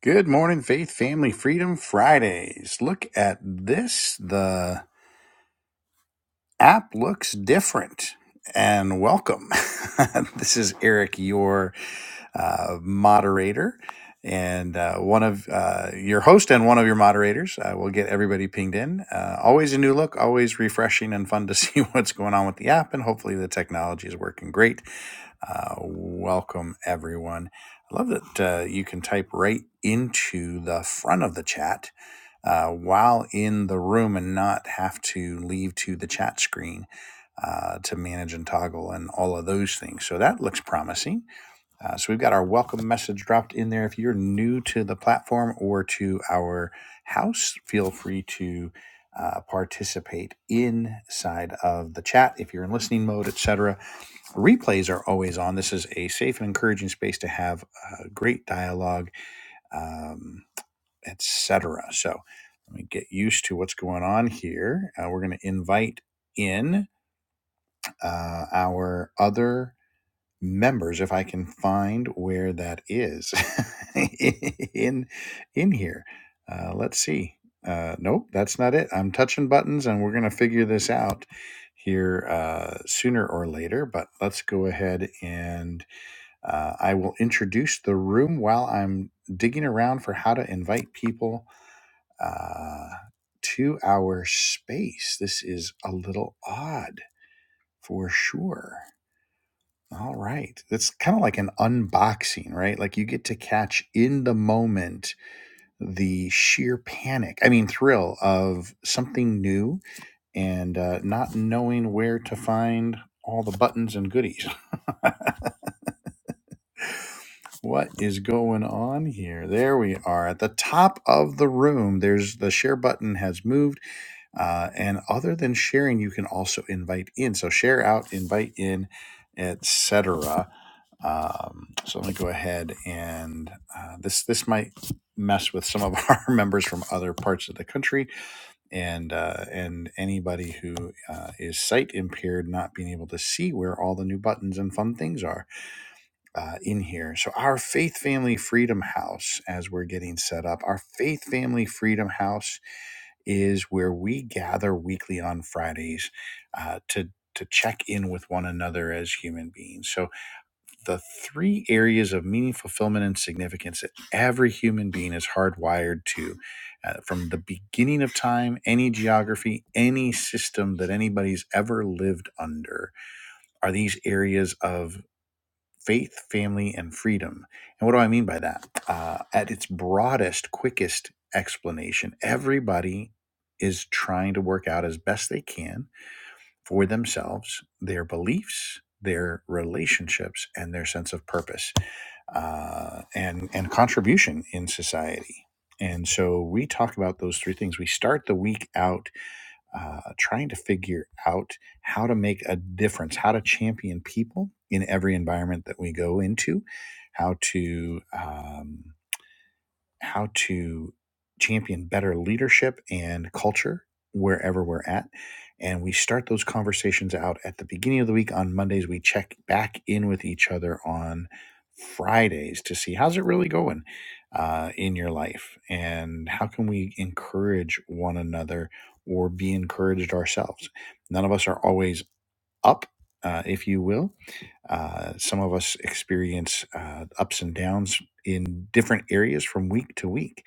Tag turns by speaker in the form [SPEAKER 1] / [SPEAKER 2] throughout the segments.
[SPEAKER 1] Good morning, Faith Family Freedom Fridays. Look at this. The app looks different. And welcome. this is Eric, your uh, moderator and uh, one of uh, your host and one of your moderators. Uh, we'll get everybody pinged in. Uh, always a new look, always refreshing and fun to see what's going on with the app. And hopefully, the technology is working great uh, welcome, everyone. I love that uh, you can type right into the front of the chat uh, while in the room and not have to leave to the chat screen uh, to manage and toggle and all of those things. So that looks promising. Uh, so we've got our welcome message dropped in there. If you're new to the platform or to our house, feel free to uh, participate inside of the chat if you're in listening mode, etc replays are always on. This is a safe and encouraging space to have uh, great dialogue, um, etc. So let me get used to what's going on here. Uh, we're going to invite in uh, our other members if I can find where that is in in here. Uh, let's see. Uh, nope, that's not it. I'm touching buttons, and we're going to figure this out here uh, sooner or later. But let's go ahead and uh, I will introduce the room while I'm digging around for how to invite people uh, to our space. This is a little odd for sure. All right. It's kind of like an unboxing, right? Like you get to catch in the moment the sheer panic, I mean, thrill of something new and uh, not knowing where to find all the buttons and goodies. What is going on here? There we are at the top of the room. There's the share button has moved. Uh, and other than sharing, you can also invite in. So share out, invite in, etc. Um, so let me go ahead and uh, this this might mess with some of our members from other parts of the country and uh, and anybody who uh, is sight impaired not being able to see where all the new buttons and fun things are uh, in here. So, our Faith Family Freedom House, as we're getting set up, our Faith Family Freedom House is where we gather weekly on Fridays uh, to to check in with one another as human beings. So, the three areas of meaning, fulfillment, and significance that every human being is hardwired to uh, from the beginning of time, any geography, any system that anybody's ever lived under, are these areas of faith, family, and freedom. And what do I mean by that? Uh, at its broadest, quickest explanation, everybody is trying to work out as best they can for themselves their beliefs, their relationships, and their sense of purpose uh, and and contribution in society. And so we talk about those three things. We start the week out uh, trying to figure out how to make a difference, how to champion people in every environment that we go into, how to. Um, how to champion better leadership and culture wherever we're at. And we start those conversations out at the beginning of the week on Mondays. We check back in with each other on Fridays to see how's it really going uh, in your life and how can we encourage one another or be encouraged ourselves. None of us are always up, uh, if you will, uh, some of us experience uh, ups and downs in different areas from week to week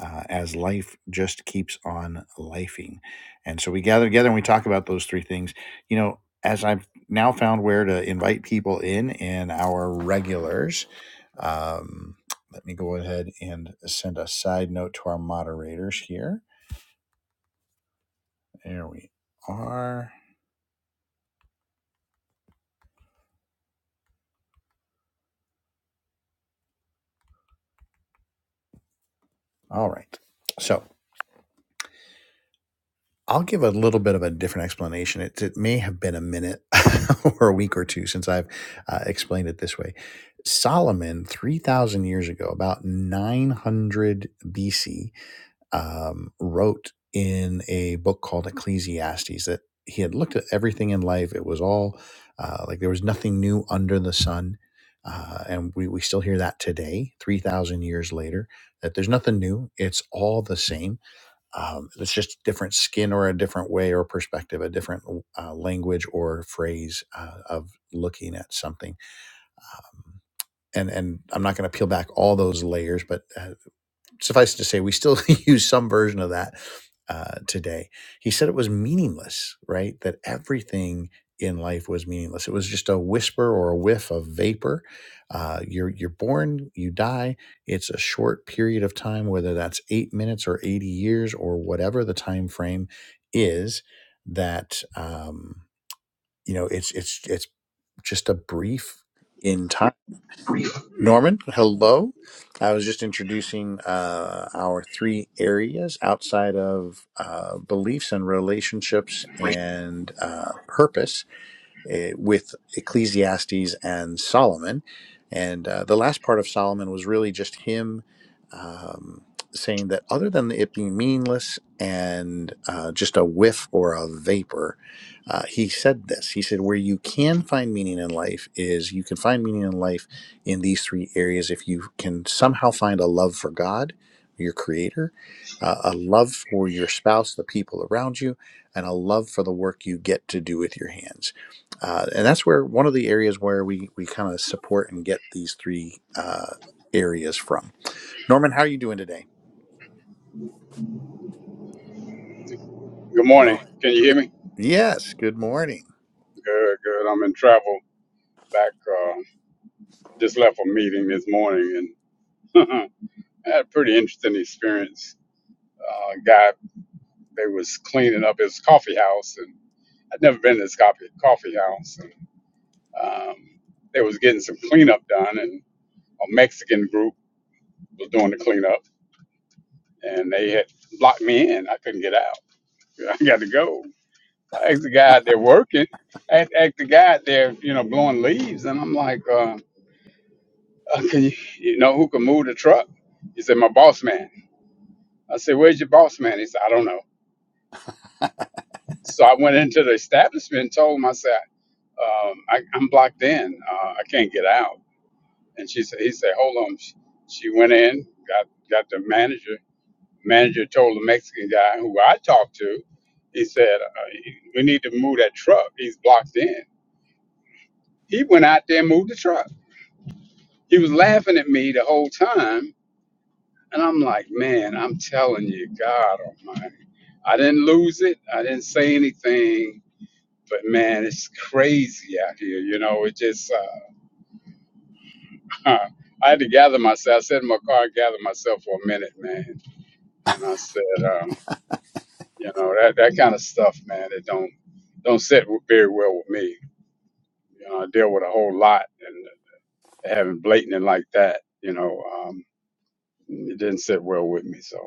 [SPEAKER 1] uh, as life just keeps on lifing. And so we gather together and we talk about those three things. You know, as I've now found where to invite people in in our regulars, um, let me go ahead and send a side note to our moderators here. There we are. All right. So. I'll give a little bit of a different explanation. It, it may have been a minute or a week or two since I've uh, explained it this way. Solomon, 3,000 years ago, about 900 BC, um, wrote in a book called Ecclesiastes that he had looked at everything in life. It was all uh, like there was nothing new under the sun. Uh, and we, we still hear that today, 3,000 years later, that there's nothing new. It's all the same um, it's just different skin or a different way or perspective, a different uh, language or phrase uh, of looking at something. Um, and and I'm not going to peel back all those layers, but uh, suffice it to say, we still use some version of that uh, today. He said it was meaningless, right? That everything in life was meaningless. It was just a whisper or a whiff of vapor. Uh, you're you're born, you die. It's a short period of time, whether that's eight minutes or eighty years or whatever the time frame is. That um, you know, it's it's it's just a brief in time. Norman, hello. I was just introducing uh, our three areas outside of uh, beliefs and relationships and uh, purpose eh, with Ecclesiastes and Solomon. And uh, the last part of Solomon was really just him um, saying that other than it being meaningless and uh, just a whiff or a vapor, uh, he said this. He said, Where you can find meaning in life is you can find meaning in life in these three areas if you can somehow find a love for God. Your creator, uh, a love for your spouse, the people around you, and a love for the work you get to do with your hands uh, and that's where one of the areas where we we kind of support and get these three uh, areas from. Norman, how are you doing today?
[SPEAKER 2] Good
[SPEAKER 1] And Nor-
[SPEAKER 2] morning. Can you hear
[SPEAKER 1] Good-
[SPEAKER 2] me?
[SPEAKER 1] yes, good morning.
[SPEAKER 2] Good, good. I'm in travel back. Uh, just left a meeting this morning and had a pretty interesting experience. Uh, guy, they was cleaning up his coffee house, and I'd never been to his coffee coffee house, and um, they was getting some cleanup done, and a Mexican group was doing the cleanup, and they had locked me in. I couldn't get out. I got to go. So I asked the guy out there working. I asked asked the guy out there, you know, blowing leaves, and I'm like. Uh, uh, can you, you know who can move the truck? He said, my boss man. I said, where's your boss man? He said, I don't know. So I went into the establishment and told him, I said, um, I, I'm blocked in. Uh, I can't get out. And she said, he said, hold on. She, she went in, got, got the manager. Manager told the Mexican guy who I talked to, he said, uh, we need to move that truck. He's blocked in. He went out there and moved the truck. He was laughing at me the whole time. And I'm like, man, I'm telling you, God Almighty. I didn't lose it. I didn't say anything. But man, it's crazy out here. You know, it just, uh, I had to gather myself. I sat in my car and gathered myself for a minute, man. And I said, um, you know, that, that kind of stuff, man, it don't, don't sit w- very well with me. You know, I deal with a whole lot and having blatant and like that, you know, um, it didn't sit well with me. So,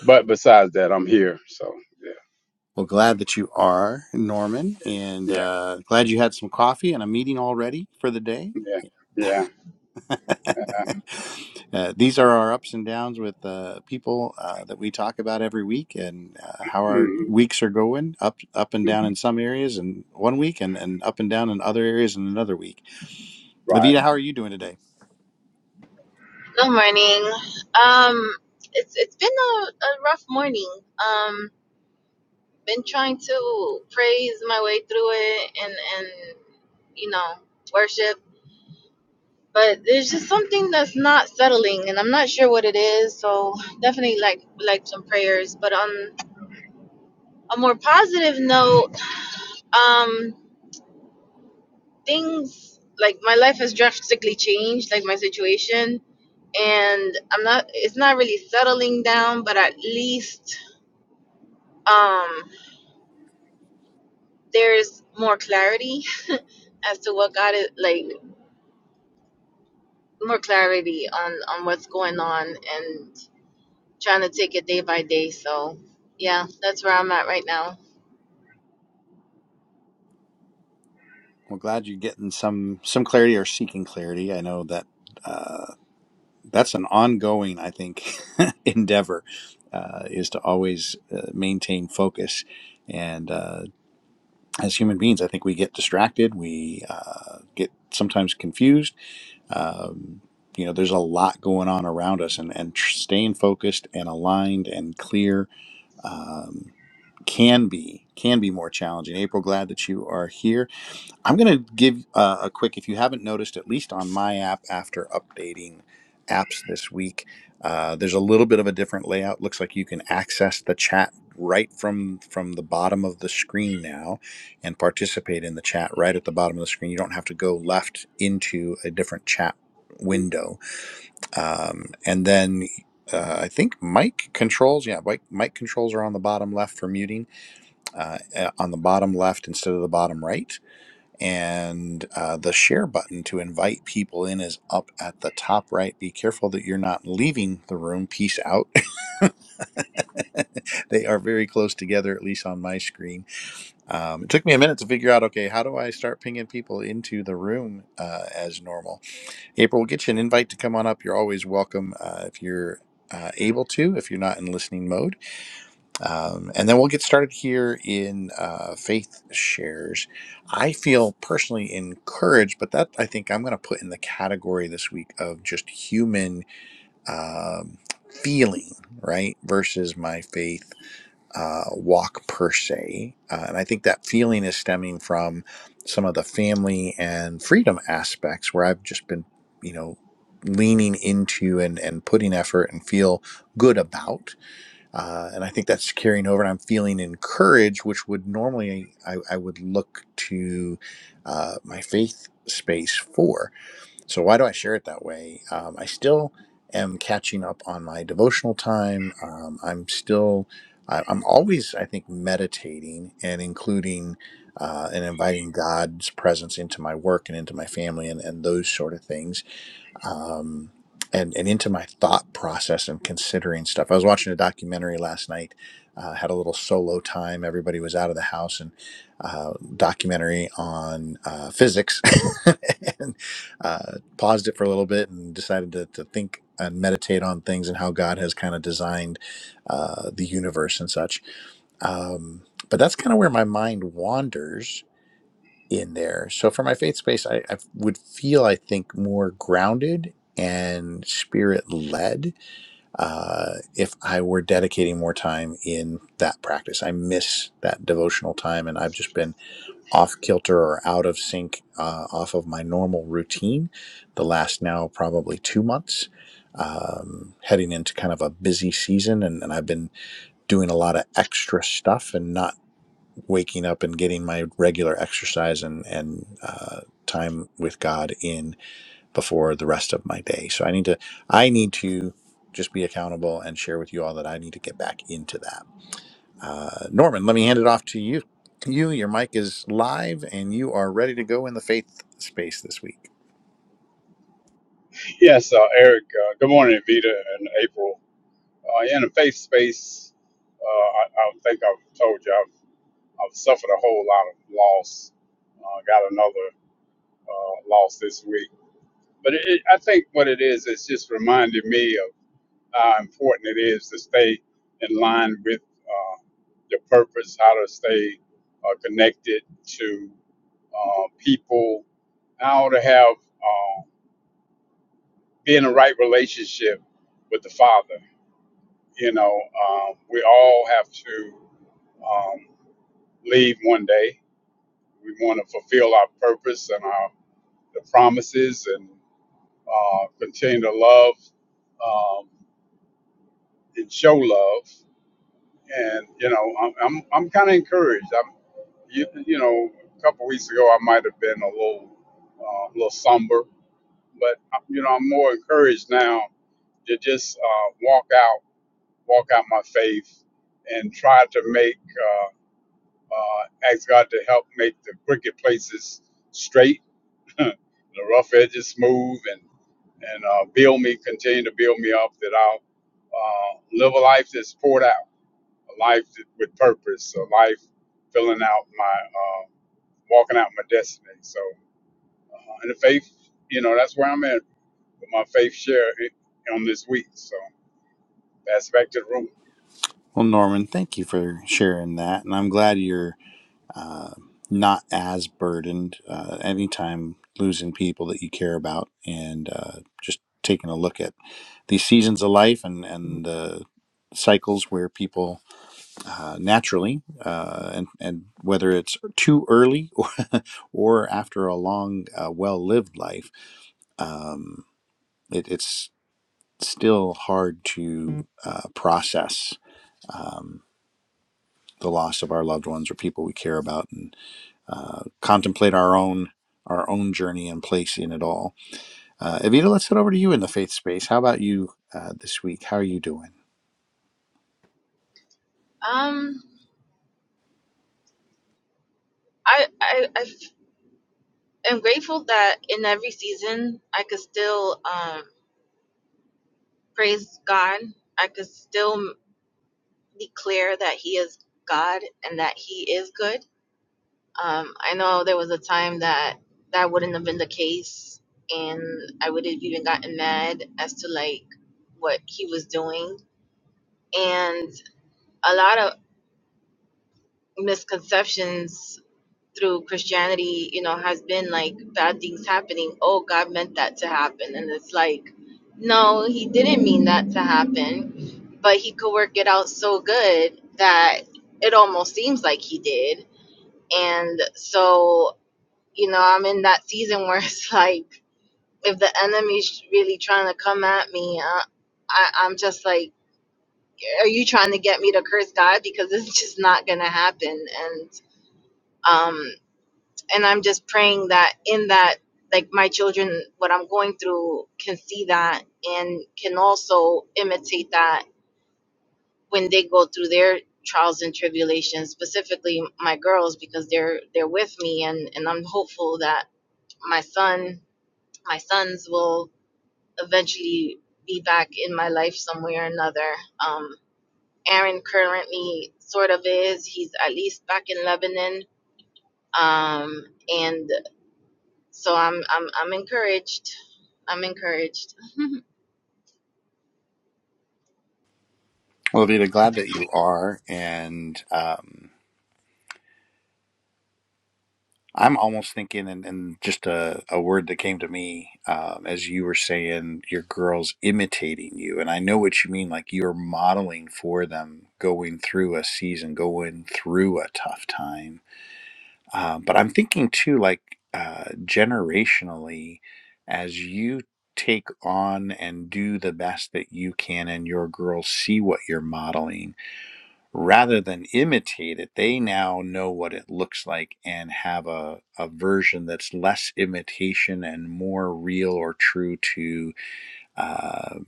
[SPEAKER 2] but besides that, I'm here. So
[SPEAKER 1] Well, glad that you are, Norman, and
[SPEAKER 2] yeah,
[SPEAKER 1] uh, glad you had some coffee and a meeting already for the day.
[SPEAKER 2] yeah, yeah, yeah. Uh,
[SPEAKER 1] uh, these are our ups and downs with uh, people uh, that we talk about every week, and uh, how our
[SPEAKER 2] mm,
[SPEAKER 1] weeks are going up, up and down in some areas, and one week, and, and up and down in other areas in another week. Levita,
[SPEAKER 2] Right.
[SPEAKER 1] how are you doing today?
[SPEAKER 3] Good morning. Um, it's it's been a, a rough morning. Um, been trying to praise my way through it and and you know worship, but there's just something that's not settling, and I'm not sure what it is. So definitely like like some prayers. But on a more positive note, um, things like my life has drastically changed, like my situation, and I'm not. It's not really settling down, but at least. Um, there's more clarity as to what God is like, more clarity on on what's going on, and trying to take it day by day. So, yeah, that's where I'm at right now.
[SPEAKER 1] Well, glad you're getting some some clarity or seeking clarity. I know that uh, that's an ongoing, I think, endeavor uh, is to always uh, maintain focus. And uh, as human beings, I think we get distracted. We uh, get sometimes confused. Um, you know, there's a lot going on around us, and and tr- staying focused and aligned and clear um, can be can be more challenging. April, glad that you are here I'm going to give uh, a quick, if you haven't noticed, at least on my app after updating apps this week, uh, there's a little bit of a different layout. Looks like you can access the chat right from from the bottom of the screen now and participate in the chat right at the bottom of the screen. You don't have to go left into a different chat window. Um, and then uh, I think mic controls, yeah, mic, mic controls are on the bottom left for muting, uh, uh, on the bottom left instead of the bottom right and uh, the share button to invite people in is up at the top right. Be careful that you're not leaving the room. Peace out. they are very close together, at least on my screen. Um, it took me a minute to figure out okay, how do I start pinging people into the room uh, as normal? April, we'll get you an invite to come on up. You're always welcome uh, if you're uh, able to, if you're not in listening mode. Um, and then we'll get started here in uh, faith shares. I feel personally encouraged, but that I think I'm going to put in the category this week of just human um, feeling, right? Versus my faith uh, walk per se. Uh, and I think that feeling is stemming from some of the family and freedom aspects where I've just been, you know, leaning into and, and putting effort and feel good about uh, and I think that's carrying over. And I'm feeling encouraged, which would normally I, I would look to uh, my faith space for. So why do I share it that way? Um, I still am catching up on my devotional time. Um, I'm still, I, I'm always, I think, meditating and including. Uh, and inviting God's presence into my work and into my family and, and those sort of things um, and and into my thought process and considering stuff. I was watching a documentary last night. Uh, had a little solo time. Everybody was out of the house, and uh, documentary on uh, physics, and uh, paused it for a little bit and decided to, to think and meditate on things and how God has kind of designed uh, the universe and such. Um, but that's kind of where my mind wanders in there. So for my faith space, I, I would feel, I think, more grounded and spirit led uh, if I were dedicating more time in that practice. I miss that devotional time and I've just been off kilter or out of sync, uh, off of my normal routine the last now probably two months. Um, heading into kind of a busy season, and, and I've been doing a lot of extra stuff and not waking up and getting my regular exercise and and uh, time with God in before the rest of my day. So I need to I need to just be accountable and share with you all that I need to get back into that. Uh, Norman, let me hand it off to you. You, your mic is live, and you are ready to go in the faith space this week.
[SPEAKER 2] Yes, uh, Eric. Uh, good morning, Vita and April. Uh, in the faith space, uh, I, I think I've told you I've, I've suffered a whole lot of loss. Uh, got another uh, loss this week, but it, it- I think what it is, it's just reminded me of how important it is to stay in line with uh, your purpose, how to stay uh, connected to uh, people, how to have uh, be in the right relationship with the Father You know, um, we all have to um, leave one day. We want to fulfill our purpose and our the promises and uh, continue to love um, and show love. And you know, I'm I'm, I'm kind of encouraged. I'm you, you know, a couple weeks ago I might have been a little, uh, a little somber, but uh, you know I'm more encouraged now to just uh, walk out, walk out my faith, and try to make Uh, Uh, ask God to help make the crooked places straight, the rough edges smooth, and and uh, build me, continue to build me up that I'll uh, live a life that's poured out, a life that, with purpose, a life filling out my, uh, walking out my destiny. So, uh, in the faith, you know, that's where I'm at with my faith share i- on this week. So, that's back to the room.
[SPEAKER 1] Well, Norman, thank you for sharing that, and I'm glad you're uh, not as burdened uh, anytime losing people that you care about and uh, just taking a look at these seasons of life and, and the cycles where people uh, naturally uh, and, and whether it's too early or, or after a long uh, well-lived life um, it, it's still hard to uh, process um, the loss of our loved ones or people we care about and. uh, contemplate our own our own journey and place in it all. Uh, Evita, let's head over to you in the faith space. How about you uh, this week? How are you doing?
[SPEAKER 3] Um, I I I f- am grateful that in every season I could still um praise God. I could still declare that He is God and that He is good Um, I know there was a time that that wouldn't have been the case, and I would have even gotten mad as to like what he was doing, and a lot of misconceptions through Christianity, you know, has been like bad things happening. Oh, God meant that to happen, and it's like, no, He didn't mean that to happen, but He could work it out so good that it almost seems like He did, and so you know, I'm in that season where it's like, if the enemy's really trying to come at me, I, I, I'm just like, are you trying to get me to curse God? Because it's just not gonna happen. And um, and I'm just praying that in that, like my children, what I'm going through, can see that and can also imitate that when they go through their trials and tribulations. Specifically, my girls, because they're they're with me, and and I'm hopeful that my son my sons will eventually be back in my life some way or another. Um, Aaron currently sort of is. He's at least back in Lebanon, um, and so I'm I'm I'm encouraged. I'm encouraged.
[SPEAKER 1] Well, Evita, glad that you are. And um, I'm almost thinking, and, and just a, a word that came to me um, as you were saying, your girls imitating you. And I know what you mean, like you're modeling for them going through a season, going through a tough time Uh, but I'm thinking too, like uh, generationally, as you take on and do the best that you can, and your girls see what you're modeling rather than imitate it, they now know what it looks like and have a, a version that's less imitation and more real or true to uh,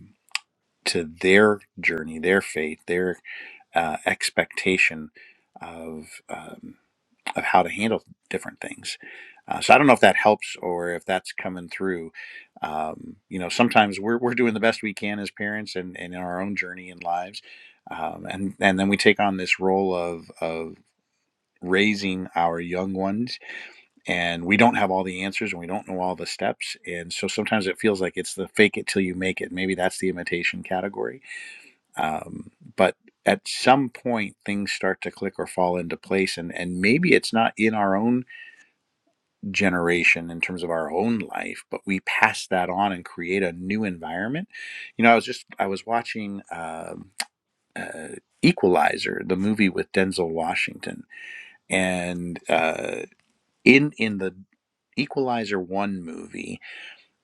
[SPEAKER 1] to their journey, their faith, their uh, expectation of. Um, of how to handle different things. Uh, so I don't know if that helps or if that's coming through. Um, you know, sometimes we're, we're doing the best we can as parents and, and in our own journey and lives. Um, and, and then we take on this role of, of raising our young ones and we don't have all the answers and we don't know all the steps. And so sometimes it feels like it's the fake it till you make it. Maybe that's the imitation category. Um, but at some point things start to click or fall into place and, and maybe it's not in our own generation in terms of our own life, but we pass that on and create a new environment. You know, I was just I was watching um uh, Equalizer, the movie with Denzel Washington, and uh, in in the Equalizer one movie,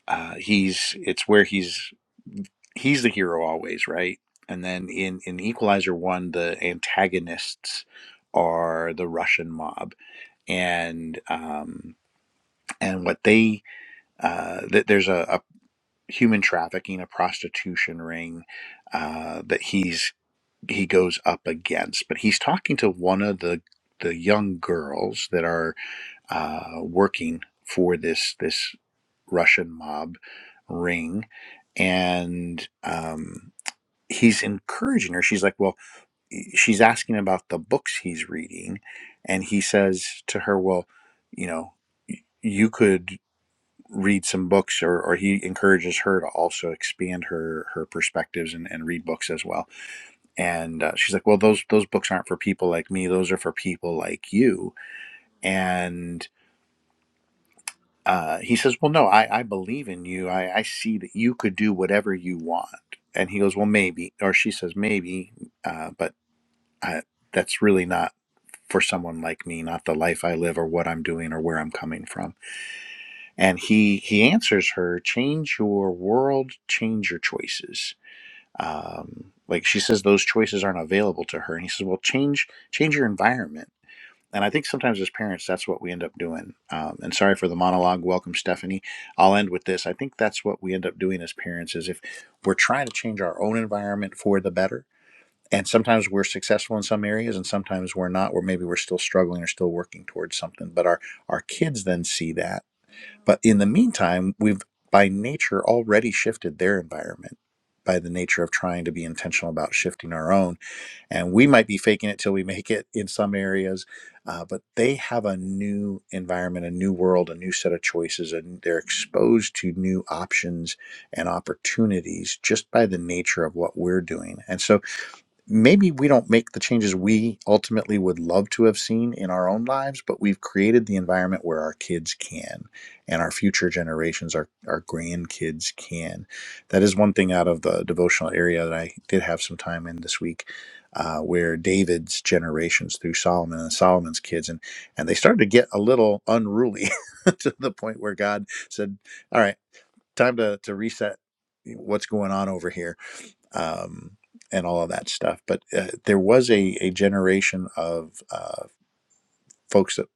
[SPEAKER 1] uh, he's it's where he's he's the hero always, right? And then in in Equalizer one, the antagonists are the Russian mob, and um, and what they uh, th- there's a, a human trafficking, a prostitution ring uh, that he's he goes up against. But he's talking to one of the the young girls that are uh, working for this this Russian mob ring, and um, he's encouraging her. She's like, "Well," she's asking about the books he's reading, and he says to her, "Well, you know." You could read some books or, or he encourages her to also expand her her perspectives and, and read books as well and uh, she's like well those those books aren't for people like me those are for people like you and uh, he says well no I, I believe in you I, I see that you could do whatever you want and he goes well maybe or she says maybe uh, but I, that's really not for someone like me not the life i live or what i'm doing or where i'm coming from And he he answers her, change your world, change your choices. Um, like she says, those choices aren't available to her, and he says, well, change change your environment. And I think sometimes as parents, that's what we end up doing. Um, and sorry for the monologue. Welcome, Stephanie. I'll end with this. I think that's what we end up doing as parents is if we're trying to change our own environment for the better. And sometimes we're successful in some areas, and sometimes we're not. Or maybe we're still struggling or still working towards something. But our our kids then see that but in the meantime, we've by nature already shifted their environment by the nature of trying to be intentional about shifting our own. And we might be faking it till we make it in some areas, uh, but they have a new environment, a new world, a new set of choices, and they're exposed to new options and opportunities just by the nature of what we're doing. And so maybe we don't make the changes we ultimately would love to have seen in our own lives, but we've created the environment where our kids can and our future generations, our, our grandkids can. That is one thing out of the devotional area that I did have some time in this week. Uh, where David's generations through Solomon and Solomon's kids, and and they started to get a little unruly to the point where God said, "All right, time to to reset what's going on over here." um, and all of that stuff. But uh, there was a, a generation of uh, folks that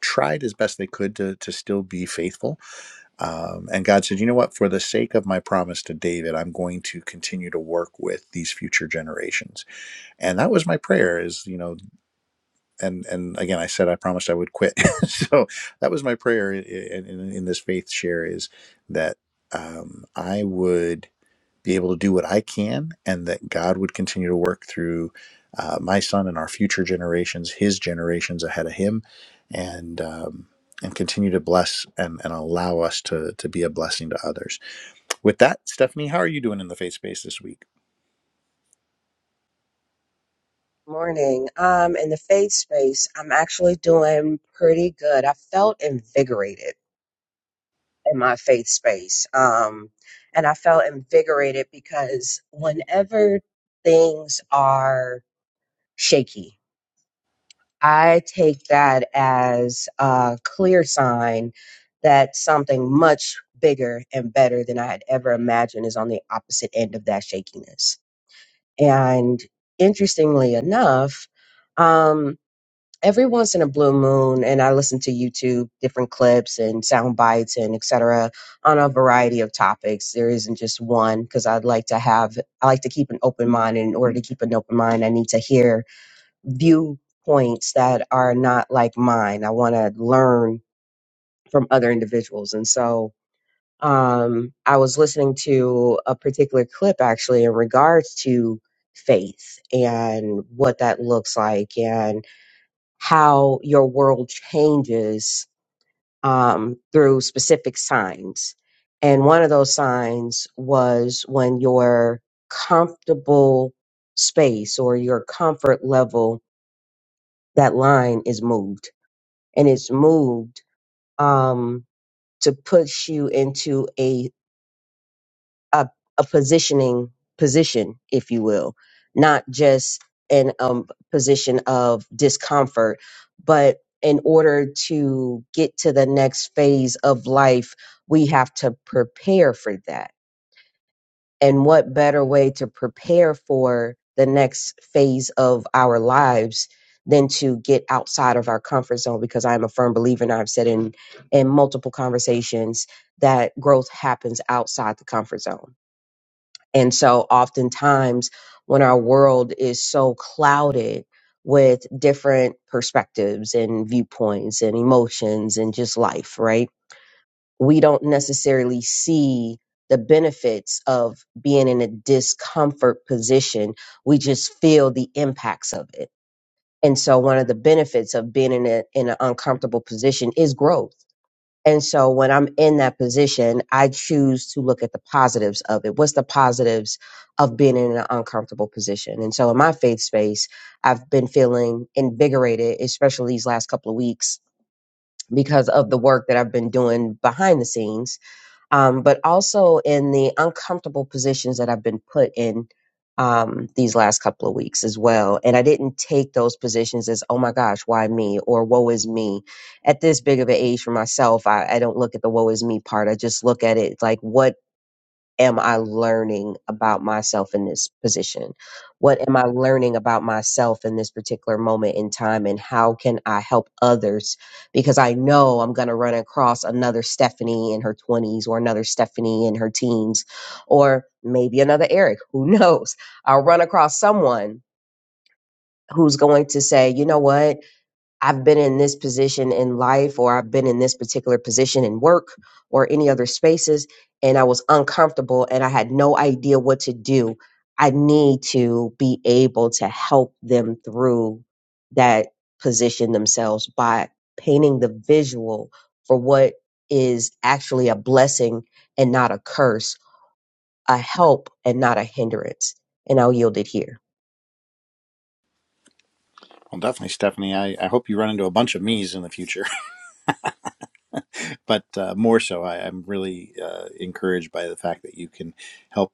[SPEAKER 1] tried as best they could to, to still be faithful. Um, and God said, you know what? For the sake of my promise to David, I'm going to continue to work with these future generations. And that was my prayer is, you know, and, and again, I said, I promised I would quit. so that was my prayer in, in, in this faith share is that um, I would be able to do what I can, and that God would continue to work through uh, my son and our future generations, his generations ahead of him, and um, and continue to bless and, and allow us to to be a blessing to others. With that, Stephanie, how are you doing in the faith space this week?
[SPEAKER 4] Morning. Um, in the faith space, I'm actually doing pretty good. I felt invigorated in my faith space. Um, and I felt invigorated because whenever things are shaky, I take that as a clear sign that something much bigger and better than I had ever imagined is on the opposite end of that shakiness. And interestingly enough, um, every once in a blue moon and i listen to youtube different clips and sound bites and etc on a variety of topics there isn't just one because i'd like to have i like to keep an open mind and in order to keep an open mind i need to hear viewpoints that are not like mine i want to learn from other individuals and so um, i was listening to a particular clip actually in regards to faith and what that looks like and how your world changes um, through specific signs. And one of those signs was when your comfortable space or your comfort level, that line is moved. And it's moved um, to push you into a a, a positioning position, if you will, not just an um, position of discomfort, but in order to get to the next phase of life, we have to prepare for that. And what better way to prepare for the next phase of our lives than to get outside of our comfort zone? Because I am a firm believer, and I've said in in multiple conversations that growth happens outside the comfort zone and so oftentimes when our world is so clouded with different perspectives and viewpoints and emotions and just life, right? We don't necessarily see the benefits of being in a discomfort position. We just feel the impacts of it. And so one of the benefits of being in a in an uncomfortable position is growth and so when I'm in that position, I choose to look at the positives of it. What's the positives of being in an uncomfortable position? And so in my faith space, I've been feeling invigorated, especially these last couple of weeks because of the work that I've been doing behind the scenes um, but also in the uncomfortable positions that I've been put in um, these last couple of weeks as well. And I didn't take those positions as, oh my gosh, why me? Or woe is me. At this big of an age for myself, I, I don't look at the woe is me part. I just look at it like, what am I learning about myself in this position? What am I learning about myself in this particular moment in time? And how can I help others? Because I know I'm going to run across another Stephanie in her 20s or another Stephanie in her teens or maybe another Eric. Who knows? I'll run across someone who's going to say, you know what? I've been in this position in life, or I've been in this particular position in work or any other spaces, and I was uncomfortable and I had no idea what to do. I need to be able to help them through that position themselves by painting the visual for what is actually a blessing and not a curse, a help and not a hindrance. And I'll yield it here.
[SPEAKER 1] Well, definitely, Stephanie. I, I hope you run into a bunch of me's in the future, but uh, more so, I, I'm really uh, encouraged by the fact that you can help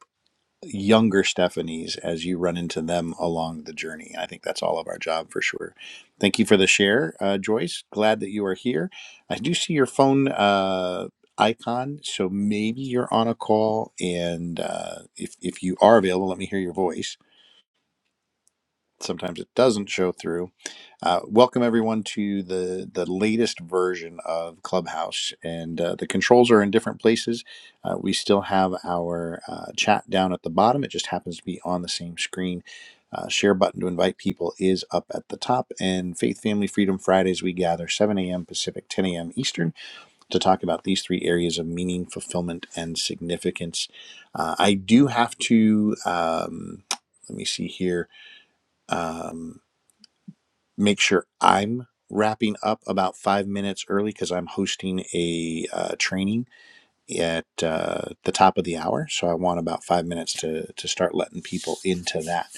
[SPEAKER 1] younger Stephanies as you run into them along the journey. I think that's all of our job for sure. Thank you for the share, uh, Joyce. Glad that you are here. I do see your phone uh, icon, so maybe you're on a call. And uh, if if you are available, let me hear your voice sometimes it doesn't show through. Uh, welcome everyone to the the latest version of Clubhouse, and uh, the controls are in different places. Uh, we still have our uh, chat down at the bottom; it just happens to be on the same screen. Uh, share button to invite people is up at the top, and Faith Family Freedom Fridays we gather 7 a.m. Pacific, 10 a.m. Eastern to talk about these three areas of meaning, fulfillment, and significance. Uh, I do have to. Um, let me see here. Um, make sure I'm wrapping up about five minutes early because I'm hosting a uh, training at uh, the top of the hour. So I want about five minutes to, to start letting people into that.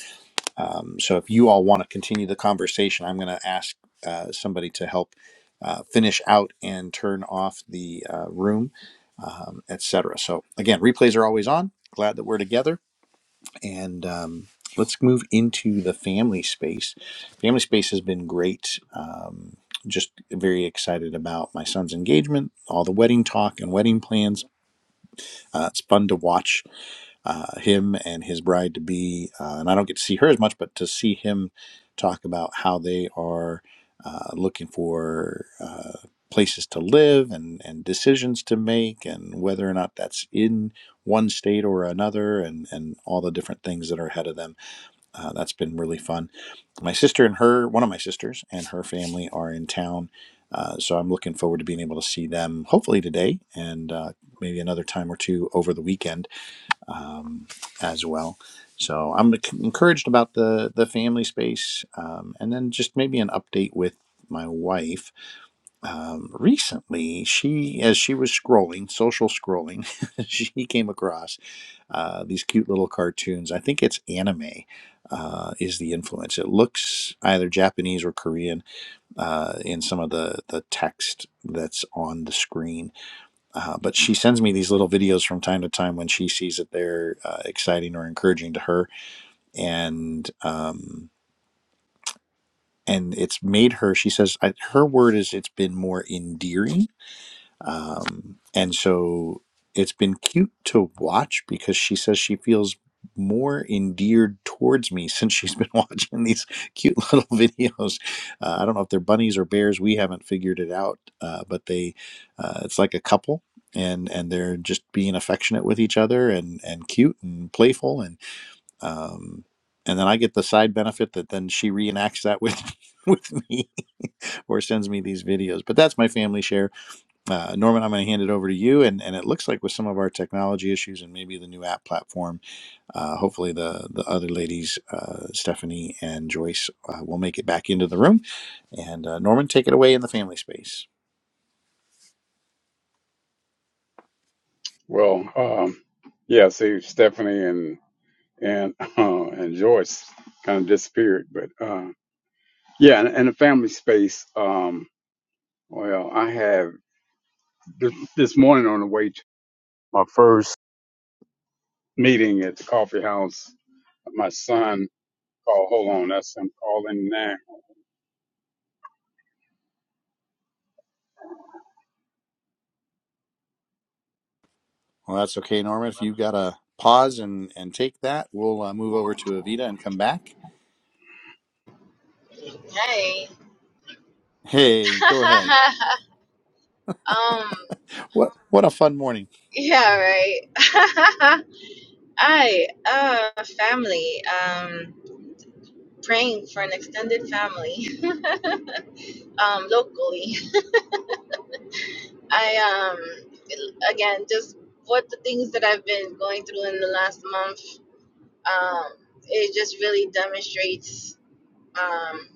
[SPEAKER 1] Um, so if you all want to continue the conversation, I'm going to ask uh, somebody to help uh, finish out and turn off the uh, room, um, etc. So again, replays are always on. Glad that we're together and um, let's move into the family space. Family space has been great. Um, just very excited about my son's engagement, all the wedding talk and wedding plans. Uh, it's fun to watch uh, him and his bride to be, uh, and I don't get to see her as much, but to see him talk about how they are uh, looking for. Uh, places to live and, and decisions to make and whether or not that's in one state or another and, and all the different things that are ahead of them uh, that's been really fun. My sister and her, one of my sisters and her family are in town. Uh, so I'm looking forward to being able to see them hopefully today and uh, maybe another time or two over the weekend um, as well. So I'm encouraged about the, the family space. Um, and then just maybe an update with my wife. Um, recently, she, as she was scrolling, social scrolling, she came across uh, these cute little cartoons. I think it's anime uh, is the influence. It looks either Japanese or Korean uh, in some of the the text that's on the screen. Uh, but she sends me these little videos from time to time when she sees that they're uh, exciting or encouraging to her, and um, and it's made her. She says I, her word is it's been more endearing Um, and so it's been cute to watch because she says she feels more endeared towards me since she's been watching these cute little videos. Uh, I don't know if they're bunnies or bears. We haven't figured it out, uh, but they, uh, it's like a couple. And, and they're just being affectionate with each other and, and cute and playful and um, and then I get the side benefit that then she reenacts that with with me or sends me these videos but that's my family share uh, Norman, I'm going to hand it over to you. And, and it looks like with some of our technology issues and maybe the new app platform, uh, hopefully the, the other ladies, uh, Stephanie and Joyce, uh, will make it back into the room. And uh, Norman, take it away in the family space.
[SPEAKER 2] Well, um, yeah, see, Stephanie and and uh, and Joyce kind of disappeared. But uh, yeah, and, and the family space. Um, well, I have this, this morning on the way to my first meeting at the coffee house. My son called. Hold on, that's him calling now.
[SPEAKER 1] Well, that's okay, Norman. If you've got to pause and, and take that, we'll uh, move over to Evita and come back.
[SPEAKER 3] Hey.
[SPEAKER 1] Hey, go ahead.
[SPEAKER 3] um.
[SPEAKER 1] What what a fun morning,
[SPEAKER 3] Yeah. Right. I uh family. Um. Praying for an extended family. Um. Locally. I um. Again, just what the things that I've been going through in the last month. Um, it just really demonstrates um,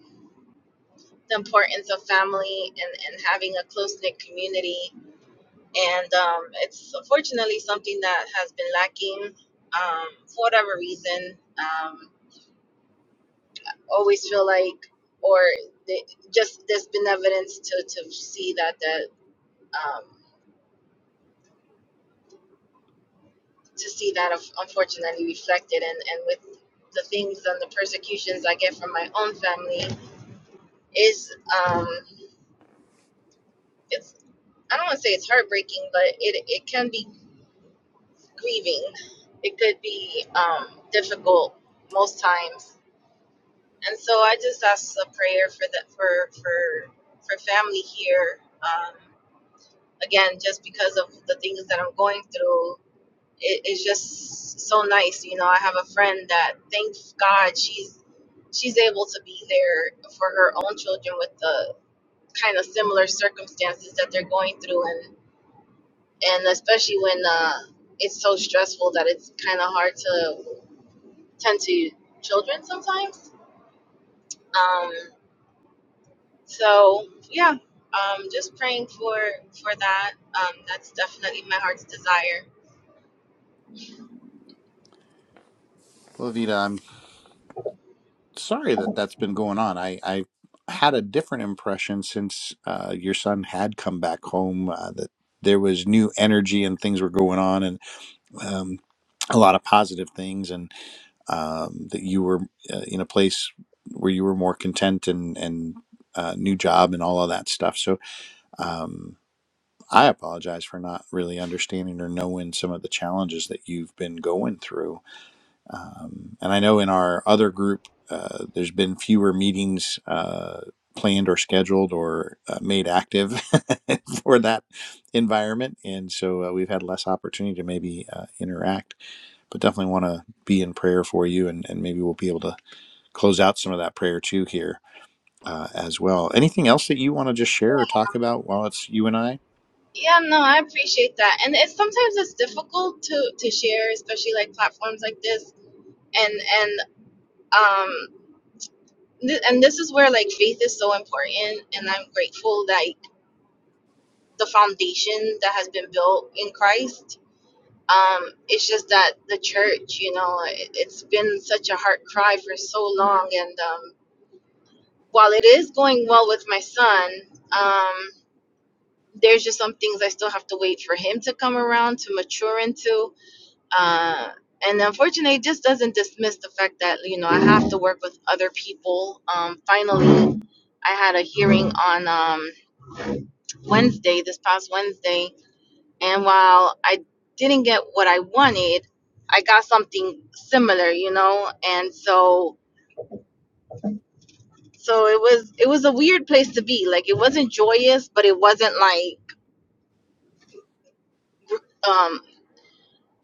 [SPEAKER 3] the importance of family and, and having a close knit community. And um, it's unfortunately something that has been lacking um, for whatever reason. Um, always feel like, or the, just there's been evidence to, to see that that um, to see that unf- unfortunately reflected, and, and with the things and the persecutions I get from my own family is um, it's I don't want to say it's heartbreaking, but it it can be grieving. It could be um, difficult most times, and so I just ask a prayer for that for for for family here. Um, again, just because of the things that I'm going through, it, it's just so nice. You know, I have a friend that thank God she's she's able to be there for her own children with the kind of similar circumstances that they're going through and and especially when uh, it's so stressful that it's kind of hard to tend to children sometimes. Um, so yeah, um, just praying for for that. Um, that's definitely my heart's desire.
[SPEAKER 1] well, am sorry that that's been going on. I, I had a different impression since uh, your son had come back home uh, that there was new energy and things were going on and um, a lot of positive things, and um, that you were uh, in a place where you were more content and and uh, new job and all of that stuff. So. Um, I apologize for not really understanding or knowing some of the challenges that you've been going through um, and I know in our other group, uh, there's been fewer meetings uh, planned or scheduled or uh, made active for that environment. And so uh, we've had less opportunity to maybe uh, interact, but definitely want to be in prayer for you. And, and maybe we'll be able to close out some of that prayer too here uh, as well. Anything else that you want to just share or talk about while it's you and I?
[SPEAKER 3] Yeah, no, I appreciate that, and it's sometimes it's difficult to to share, especially like platforms like this, and and um, th- and this is where like faith is so important, and I'm grateful that the foundation that has been built in Christ um, it's just that the church, you know, it, it's been such a heart cry for so long. And um, while it is going well with my son, um, there's just some things I still have to wait for him to come around to mature into. Uh, and unfortunately, it just doesn't dismiss the fact that, you know, I have to work with other people. Um, finally, I had a hearing on um, Wednesday, this past Wednesday, And while I didn't get what I wanted, I got something similar, you know? And so so it was it was a weird place to be. Like it wasn't joyous, but it wasn't like um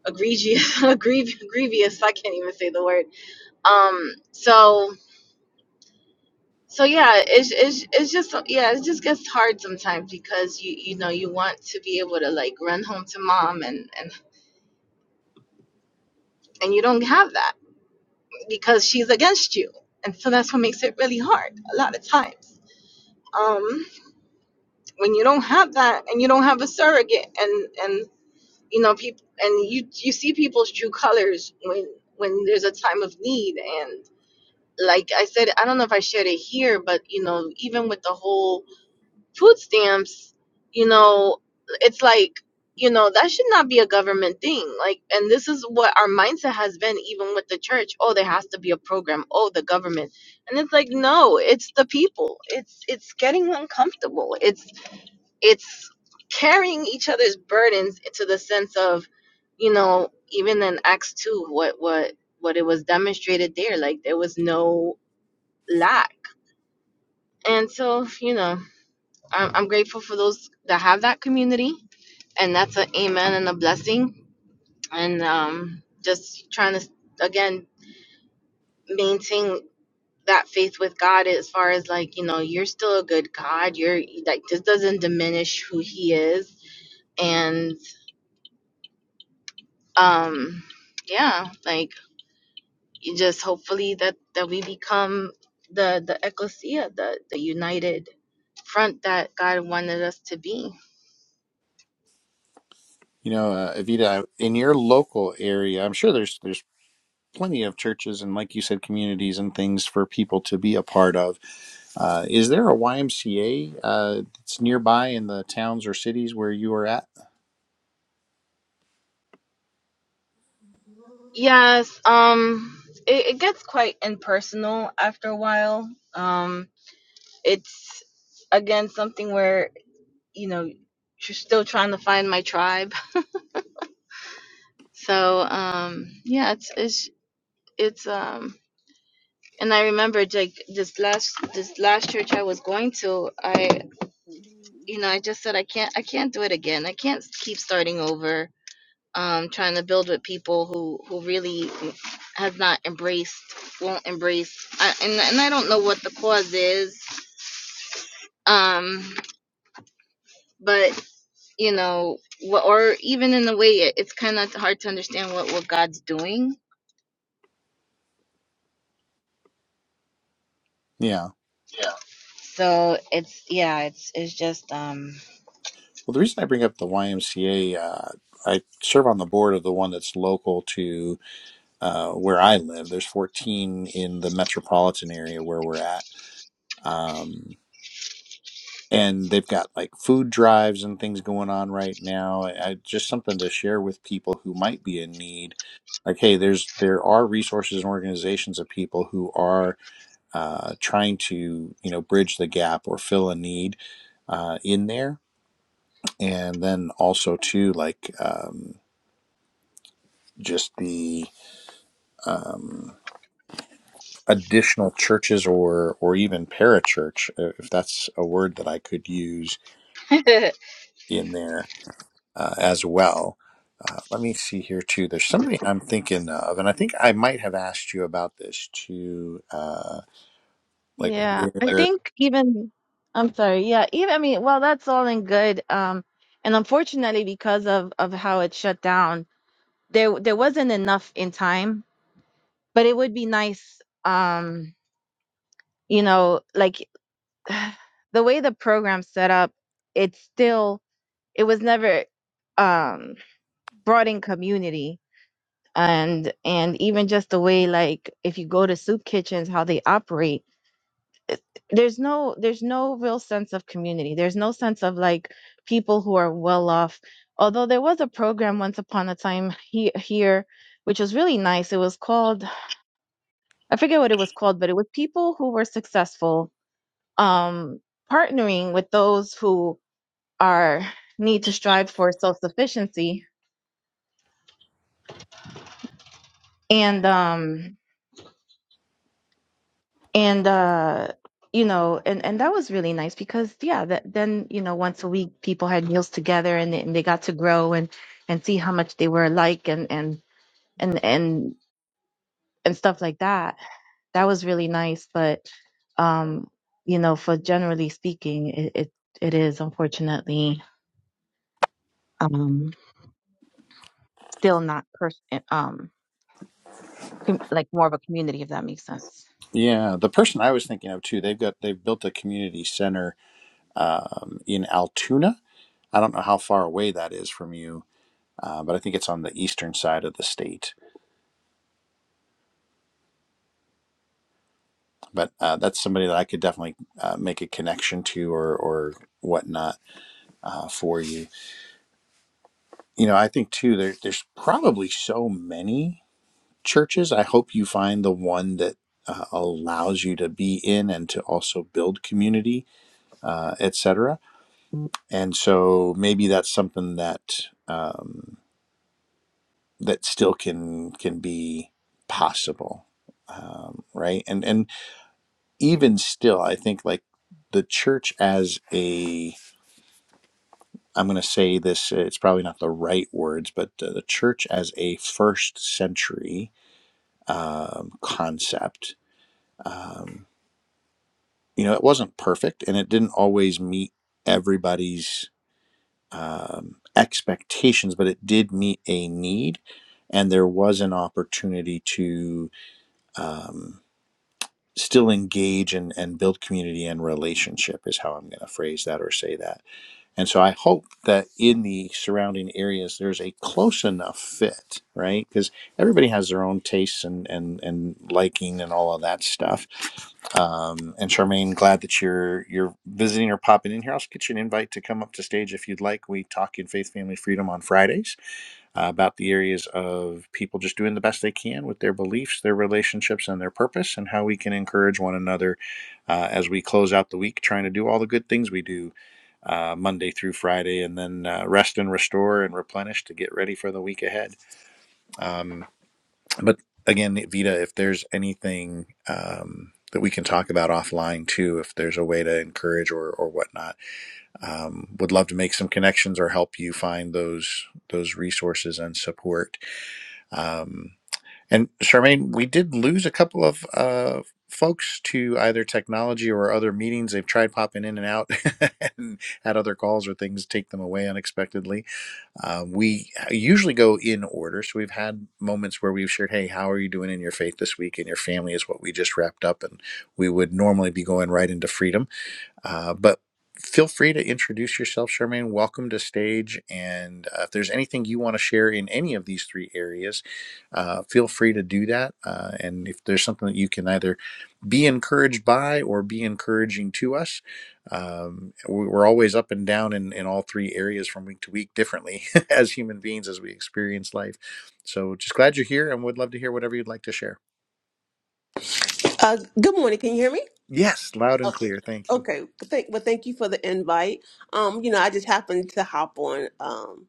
[SPEAKER 3] egregious egregious grievous, I can't even say the word. Um so so yeah, it's, it's it's just yeah, it just gets hard sometimes because you you know you want to be able to like run home to mom and and and you don't have that because she's against you. And so that's what makes it really hard a lot of times. Um, when you don't have that and you don't have a surrogate and, and you know, people and you you see people's true colors when when there's a time of need and like I said, I don't know if I shared it here, but you know, even with the whole food stamps, you know, it's like, you know, that should not be a government thing. Like, and this is what our mindset has been, even with the church. Oh, there has to be a program. Oh, the government. And it's like, no, it's the people. It's it's getting uncomfortable. It's it's carrying each other's burdens to the sense of, you know, even in Acts two, what what what it was demonstrated there, like there was no lack. And so, you know. I'm, I'm grateful for those that have that community, and that's an amen and a blessing. And um, just trying to again maintain that faith with God as far as like you know you're still a good God. You're like this doesn't diminish who He is, and um, yeah, like you just hopefully that that we become the the ecclesia, the the united front that God wanted us to be
[SPEAKER 1] You know, uh, Evita, in your local area, I'm sure there's there's plenty of churches and like you said communities and things for people to be a part of uh, is there a ymca uh, that's nearby in the towns or cities where you are at
[SPEAKER 3] Yes, um, it, it gets quite impersonal after a while. Um, it's again something where you know you're still trying to find my tribe. So um, yeah, it's it's it's um, and I remember like this last this last church I was going to, I you know I just said I can't I can't do it again. I can't keep starting over um, trying to build with people who who really has not embraced, won't embrace, I, and and I don't know what the cause is, um, but you know, wha- or even in a way, it, it's kind of hard to understand what what God's doing.
[SPEAKER 1] yeah
[SPEAKER 3] So it's yeah, it's it's just um,
[SPEAKER 1] well the reason i bring up the ymca uh, i serve on the board of the one that's local to uh, where i live there's 14 in the metropolitan area where we're at um, and they've got like food drives and things going on right now. I, I just something to share with people who might be in need. Like, hey, there's there are resources and organizations of people who are uh, trying to you know bridge the gap or fill a need uh, in there, and then also too like um, just the um, additional churches or or even parachurch, uh, if that's a word that I could use
[SPEAKER 3] I
[SPEAKER 1] in there uh, as well. Uh, let me see here too. There's somebody I'm thinking of, and I think I might have asked you about this too. Uh, like
[SPEAKER 3] like
[SPEAKER 1] where,
[SPEAKER 3] think even I'm sorry, yeah, even I mean, well, that's all in good. Um, and unfortunately, because of of how it shut down, there there wasn't enough in time but it would be nice um you know like the way the program's set up it's still it was never um brought in community and and even just the way like if you go to soup kitchens how they operate there's no there's no real sense of community there's no sense of like people who are well off although there was a program once upon a time he, here which was really nice it was called i forget what it was called but it was people who were successful um, partnering with those who are need to strive for self sufficiency and um and uh you know and and that was really nice because yeah that then you know once a week people had meals together and, they- and they got to grow and and see how much they were alike and and and and and stuff like that that was really nice but um you know for generally speaking it it, it is unfortunately um still not pers- um com- like more of a community, if that makes sense.
[SPEAKER 1] yeah, the person I was thinking of too. They've got they've built a community center um, in Altoona. I don't know how far away that is from you, uh, but I think it's on the eastern side of the state. But uh, that's somebody that I could definitely uh, make a connection to or or whatnot uh, for you you know, I think too, there, there's probably so many churches. I hope you find the one that uh, allows you to be in and to also build community, uh, et cetera. And so maybe that's something that um, that still can can be possible, um, right? And and even still, I think like the church as a I'm going to say this. uh, It's probably not the right words, but uh, the church as a first century um, concept. Um, you know, it wasn't perfect and it didn't always meet everybody's um, expectations, but it did meet a need. And there was an opportunity to um, still engage and, and build community and relationship, is how I'm going to phrase that or say that. And so I hope that in the surrounding areas, there's a close enough fit, right? Because everybody has their own tastes and, and, and liking and all of that stuff Um, and Charmaine, glad that you're you're visiting or popping in here. I'll get you an invite to come up to stage if you'd like. We talk in Faith, Family, Freedom on Fridays uh, about the areas of people just doing the best they can with their beliefs, their relationships, and their purpose, and how we can encourage one another uh, as we close out the week, trying to do all the good things we do uh, Monday through Friday, and then uh, rest and restore and replenish to get ready for the week ahead. Um, but again, Vita, if there's anything um, that we can talk about offline too, if there's a way to encourage or or whatnot, um, would love to make some connections or help you find those those resources and support. Um, and Charmaine, we did lose a couple of. Uh, folks to either technology or other meetings they've tried popping in and out and had other calls or things take them away unexpectedly uh, we uh, usually go in order. So we've had moments where we've shared, hey, how are you doing in your faith this week? And your family is what we just wrapped up. And we would normally be going right into freedom uh, but feel free to introduce yourself, Charmaine. Welcome to stage. And uh, if there's anything you want to share in any of these three areas, uh, feel free to do that. Uh, and if there's something that you can either be encouraged by or be encouraging to us, um, we- we're always up and down in, in all three areas from week to week differently as human beings as we experience life. So just glad you're here and would love to hear whatever you'd like to share.
[SPEAKER 5] Uh, good morning. Can you hear me?
[SPEAKER 1] Yes, loud and
[SPEAKER 5] Oh,
[SPEAKER 1] clear. Thank you.
[SPEAKER 5] okay. Thank, well, thank you for the invite. Um, you know, I just happened to hop on. um,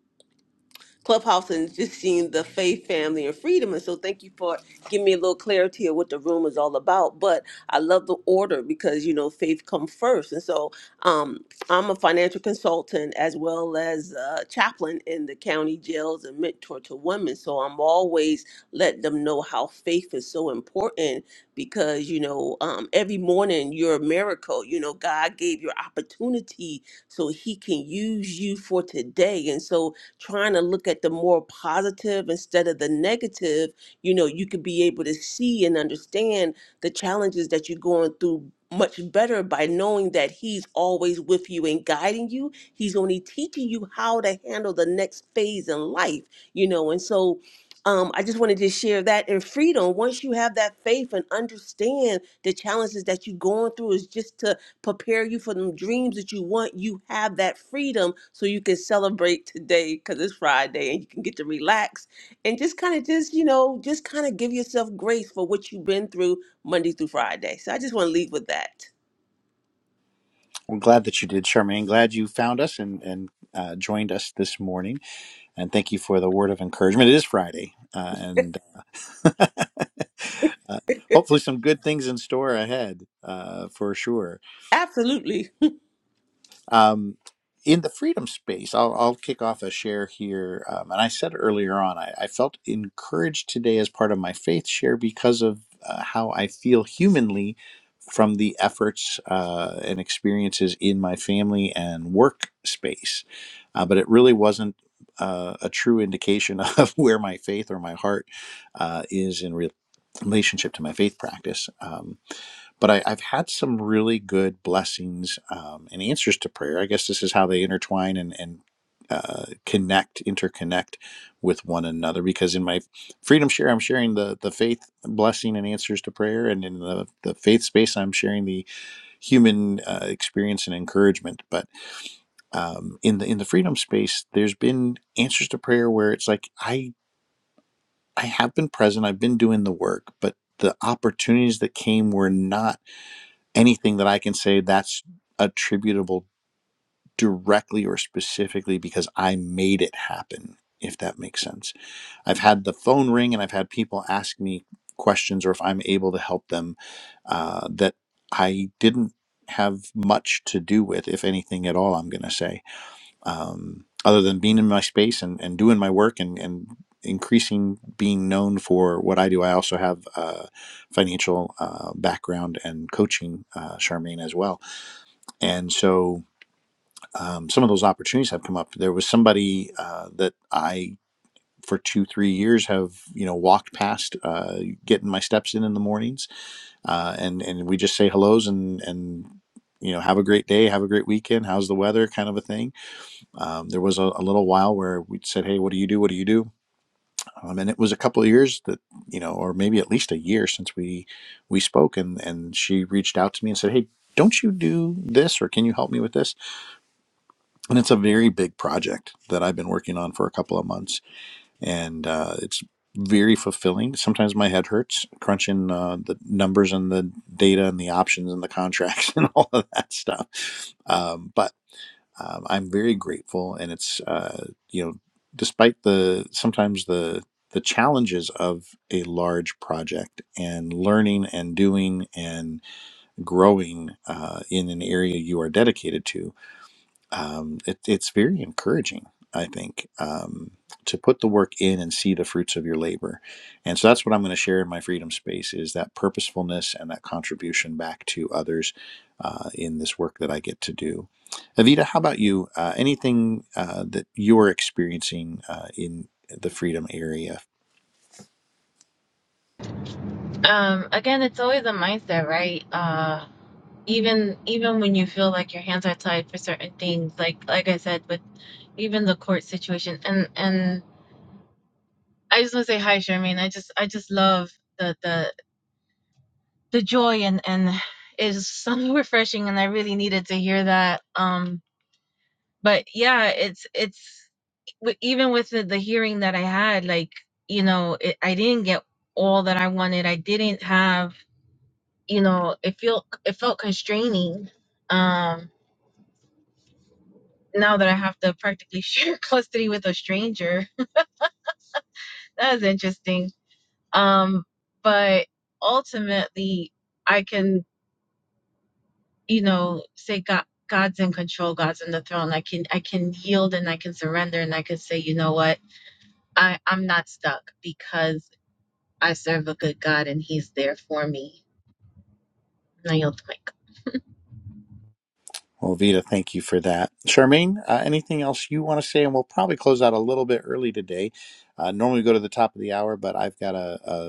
[SPEAKER 5] Clubhouse and just seeing the faith, family, and freedom. And so thank you for giving me a little clarity of what the room is all about. But I love the order because, you know, faith comes first. And so um, I'm a financial consultant as well as a chaplain in the county jails and mentor to women. So I'm always letting them know how faith is so important because you know um, every morning you're a miracle you know god gave your opportunity so he can use you for today and so trying to look at the more positive instead of the negative, you know, you could be able to see and understand the challenges that you're going through much better by knowing that he's always with you and guiding you. He's only teaching you how to handle the next phase in life, you know. And so um, I just wanted to share that And freedom. Once you have that faith and understand the challenges that you're going through, is just to prepare you for them dreams that you want. You have that freedom so you can celebrate today because it's Friday and you can get to relax and just kind of just, you know, just kind of give yourself grace for what you've been through Monday through Friday. So I just want to leave with that.
[SPEAKER 1] Well, glad that you did, Charmaine. Glad you found us and and uh, joined us this morning. And thank you for the word of encouragement. It is Friday, uh, and uh, hopefully some good things in store ahead uh, for sure.
[SPEAKER 5] Absolutely.
[SPEAKER 1] Um, in the freedom space, I'll, I'll kick off a share here. Um, and I said earlier on, I, I felt encouraged today as part of my faith share because of uh, how I feel humanly from the efforts uh, and experiences in my family and work space. Uh, but it really wasn't uh, a true indication of where my faith or my heart uh, is in re- relationship to my faith practice. Um, but I, I've had some really good blessings um, and answers to prayer. I guess this is how they intertwine and, and uh, connect, interconnect with one another. Because in my freedom share, I'm sharing the the faith blessing and answers to prayer, and in the the faith space, I'm sharing the human uh, experience and encouragement. But um, in the in the freedom space, there's been answers to prayer where it's like I I have been present, I've been doing the work, but the opportunities that came were not anything that I can say that's attributable directly or specifically because I made it happen, if that makes sense. I've had the phone ring and I've had people ask me questions or if I'm able to help them uh, that I didn't have much to do with, if anything at all, I'm going to say, um, other than being in my space and, and doing my work and, and increasing being known for what I do. I also have a financial uh, background and coaching, uh, Charmaine, as well and so um, some of those opportunities have come up. There was somebody uh, that I, for two, three years, have you know walked past, uh, getting my steps in in the mornings, uh, and and we just say hellos and and you know have a great day, have a great weekend, how's the weather, kind of a thing. Um, there was a, a little while where we said, hey, what do you do? What do you do? Um, and it was a couple of years that you know, or maybe at least a year since we we spoke, and and she reached out to me and said, hey, don't you do this, or can you help me with this? and it's a very big project that I've been working on for a couple of months, and uh, it's very fulfilling. Sometimes my head hurts crunching uh, the numbers and the data and the options and the contracts and all of that stuff. Um, but um, I'm very grateful, and it's uh, you know, despite the sometimes the the challenges of a large project and learning and doing and growing uh, in an area you are dedicated to um, it, it's very encouraging, I think, um, to put the work in and see the fruits of your labor. And so that's what I'm going to share in my freedom space is that purposefulness and that contribution back to others uh, in this work that I get to do. Avita, how about you? Uh, anything uh, that you're experiencing uh, in the freedom area?
[SPEAKER 3] Um, again, it's always a mindset, right? Uh, even even when you feel like your hands are tied for certain things, like like I said. with. even the court situation and and i just want to say hi charmaine i just i just love the the the joy and and it's so refreshing and i really needed to hear that um but yeah it's it's w- even with the, the hearing that i had like you know it, i didn't get all that i wanted i didn't have you know it felt it felt constraining um now that i have to practically share custody with a stranger that's interesting um but ultimately i can you know say god god's in control god's in the throne i can i can yield and i can surrender and i can say you know what i i'm not stuck because i serve a good god and he's there for me and i yield the mic
[SPEAKER 1] Well, Vita, thank you for that. Charmaine, uh, anything else you want to say? And we'll probably close out a little bit early today. Uh, normally we go to the top of the hour, but I've got a, a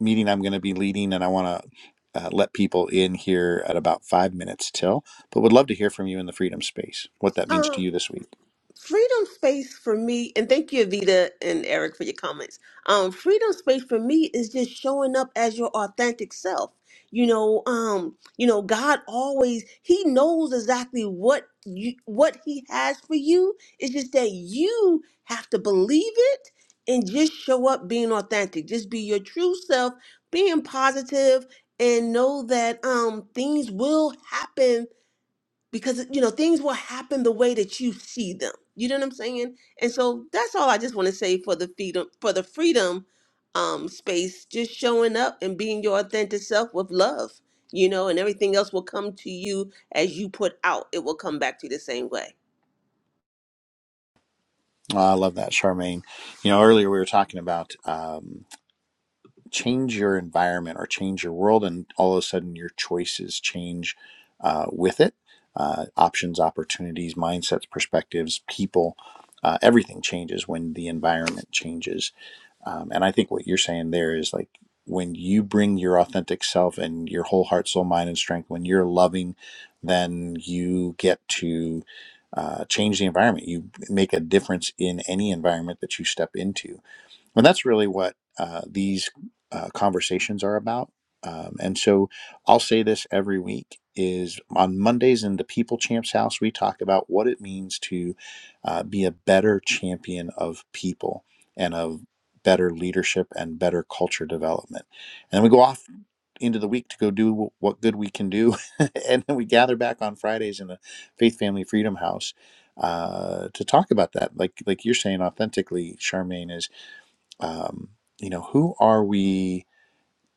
[SPEAKER 1] meeting I'm going to be leading, and I want to uh, let people in here at about five minutes till. But would love to hear from you in the freedom space, what that means to
[SPEAKER 5] Um,
[SPEAKER 1] you this week.
[SPEAKER 5] freedom space for me and thank you Evita and Eric for your comments. Um freedom space for me is just showing up as your authentic self. You know, um you know God always he knows exactly what you what he has for you. It's just that you have to believe it and just show up being authentic. Just be your true self, being positive and know that um things will happen because you know things will happen the way that you see them you know what i'm saying and so that's all i just want to say for the freedom for the freedom um space just showing up and being your authentic self with love you know and everything else will come to you as you put out it will come back to you the same way
[SPEAKER 1] Ah, I love that, Charmaine. You know, earlier we were talking about um, change your environment or change your world, and all of a sudden your choices change uh, with it. Uh, options, opportunities, mindsets, perspectives, people, uh, everything changes when the environment changes. Um, and I think what you're saying there is like when you bring your authentic self and your whole heart, soul, mind, and strength, when you're loving, then you get to uh, change the environment. You make a difference in any environment that you step into and that's really what uh, these uh, conversations are about. Um, and so I'll say this every week is on Mondays in the People Champs House, we talk about what it means to uh, be a better champion of people and of better leadership and better culture development. And we go off into the week to go do what good we can do. and then we gather back on Fridays in the Faith Family Freedom House uh, to talk about that. Like, like you're saying authentically, Charmaine, is um, you know, who are we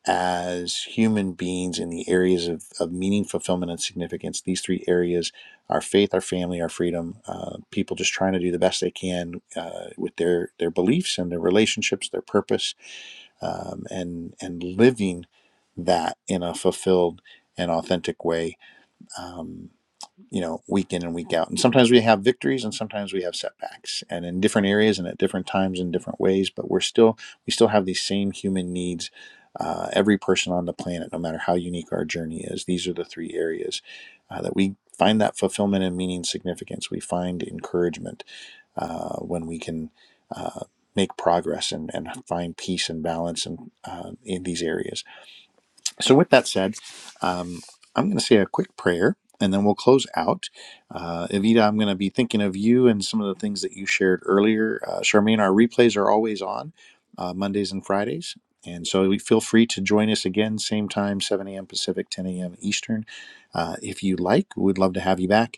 [SPEAKER 1] as human beings in the areas of, of meaning, fulfillment, and significance? These three areas our faith, our family, our freedom, uh, people just trying to do the best they can uh, with their, their beliefs and their relationships, their purpose, um, and, and living that in a fulfilled and authentic way. Um, you know, week in and week out. And sometimes we have victories and sometimes we have setbacks and in different areas and at different times in different ways, but we're still, we still have these same human needs. Uh, every person on the planet, no matter how unique our journey is, these are the three areas uh, that we find that fulfillment and meaning significance. We find encouragement uh, when we can uh, make progress and, and find peace and balance in, uh, in these areas so, with that said, um, I'm going to say a quick prayer and then we'll close out. Uh, Evita, I'm going to be thinking of you and some of the things that you shared earlier. Uh, Charmaine, our replays are always on uh, Mondays and Fridays. And so we feel free to join us again, same time, 7 a.m. Pacific, 10 a.m. Eastern. Uh, if you like, we'd love to have you back.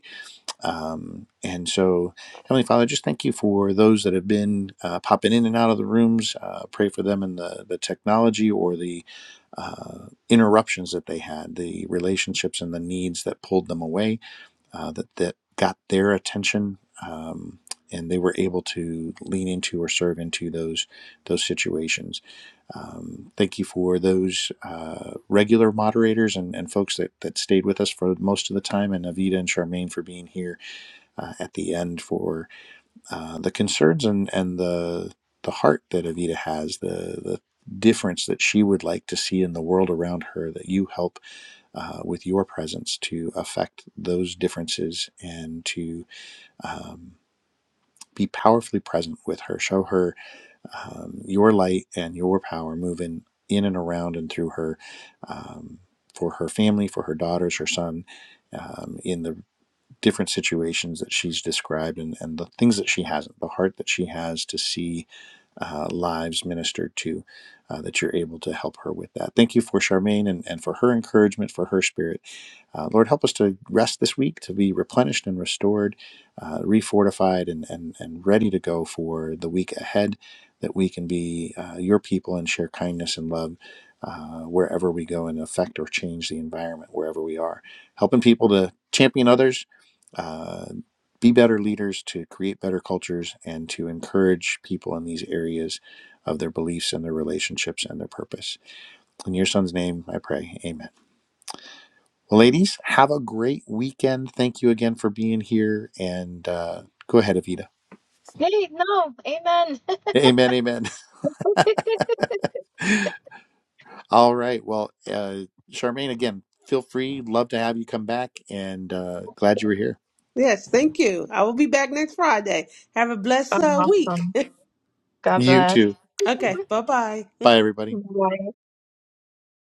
[SPEAKER 1] Um, and so, Heavenly Father, just thank you for those that have been uh, popping in and out of the rooms. Uh, pray for them and the, the technology or the uh, interruptions that they had, the relationships and the needs that pulled them away, uh, that, that got their attention. Um, and they were able to lean into or serve into those those situations. Um, thank you for those uh, regular moderators and, and folks that, that stayed with us for most of the time, and Avita and Charmaine for being here uh, at the end for uh, the concerns and, and the the heart that Avita has, the the difference that she would like to see in the world around her. That you help uh, with your presence to affect those differences and to um, be powerfully present with her. Show her um, your light and your power moving in and around and through her. Um, for her family, for her daughters, her son, um, in the different situations that she's described and, and the things that she hasn't, the heart that she has to see uh, lives ministered to, uh, that you're able to help her with that. Thank you for Charmaine and, and for her encouragement, for her spirit uh, Lord, help us to rest this week, to be replenished and restored, uh, refortified, and, and, and ready to go for the week ahead, that we can be uh, your people and share kindness and love uh, wherever we go and affect or change the environment wherever we are. Helping people to champion others, uh, be better leaders, to create better cultures, and to encourage people in these areas of their beliefs and their relationships and their purpose. In your son's name, I pray. Amen. Ladies, have a great weekend. Thank you again for being here. And uh, go ahead, Avita.
[SPEAKER 3] Hey, no, amen.
[SPEAKER 1] Amen. Amen. All right. Well, uh, Charmaine, again, feel free. Love to have you come back and uh, glad you were here.
[SPEAKER 5] Yes, thank you. I will be back next Friday. Have a blessed uh, week.
[SPEAKER 3] Awesome. God
[SPEAKER 1] You
[SPEAKER 3] bless.
[SPEAKER 1] too.
[SPEAKER 5] okay, bye bye.
[SPEAKER 1] Bye, everybody.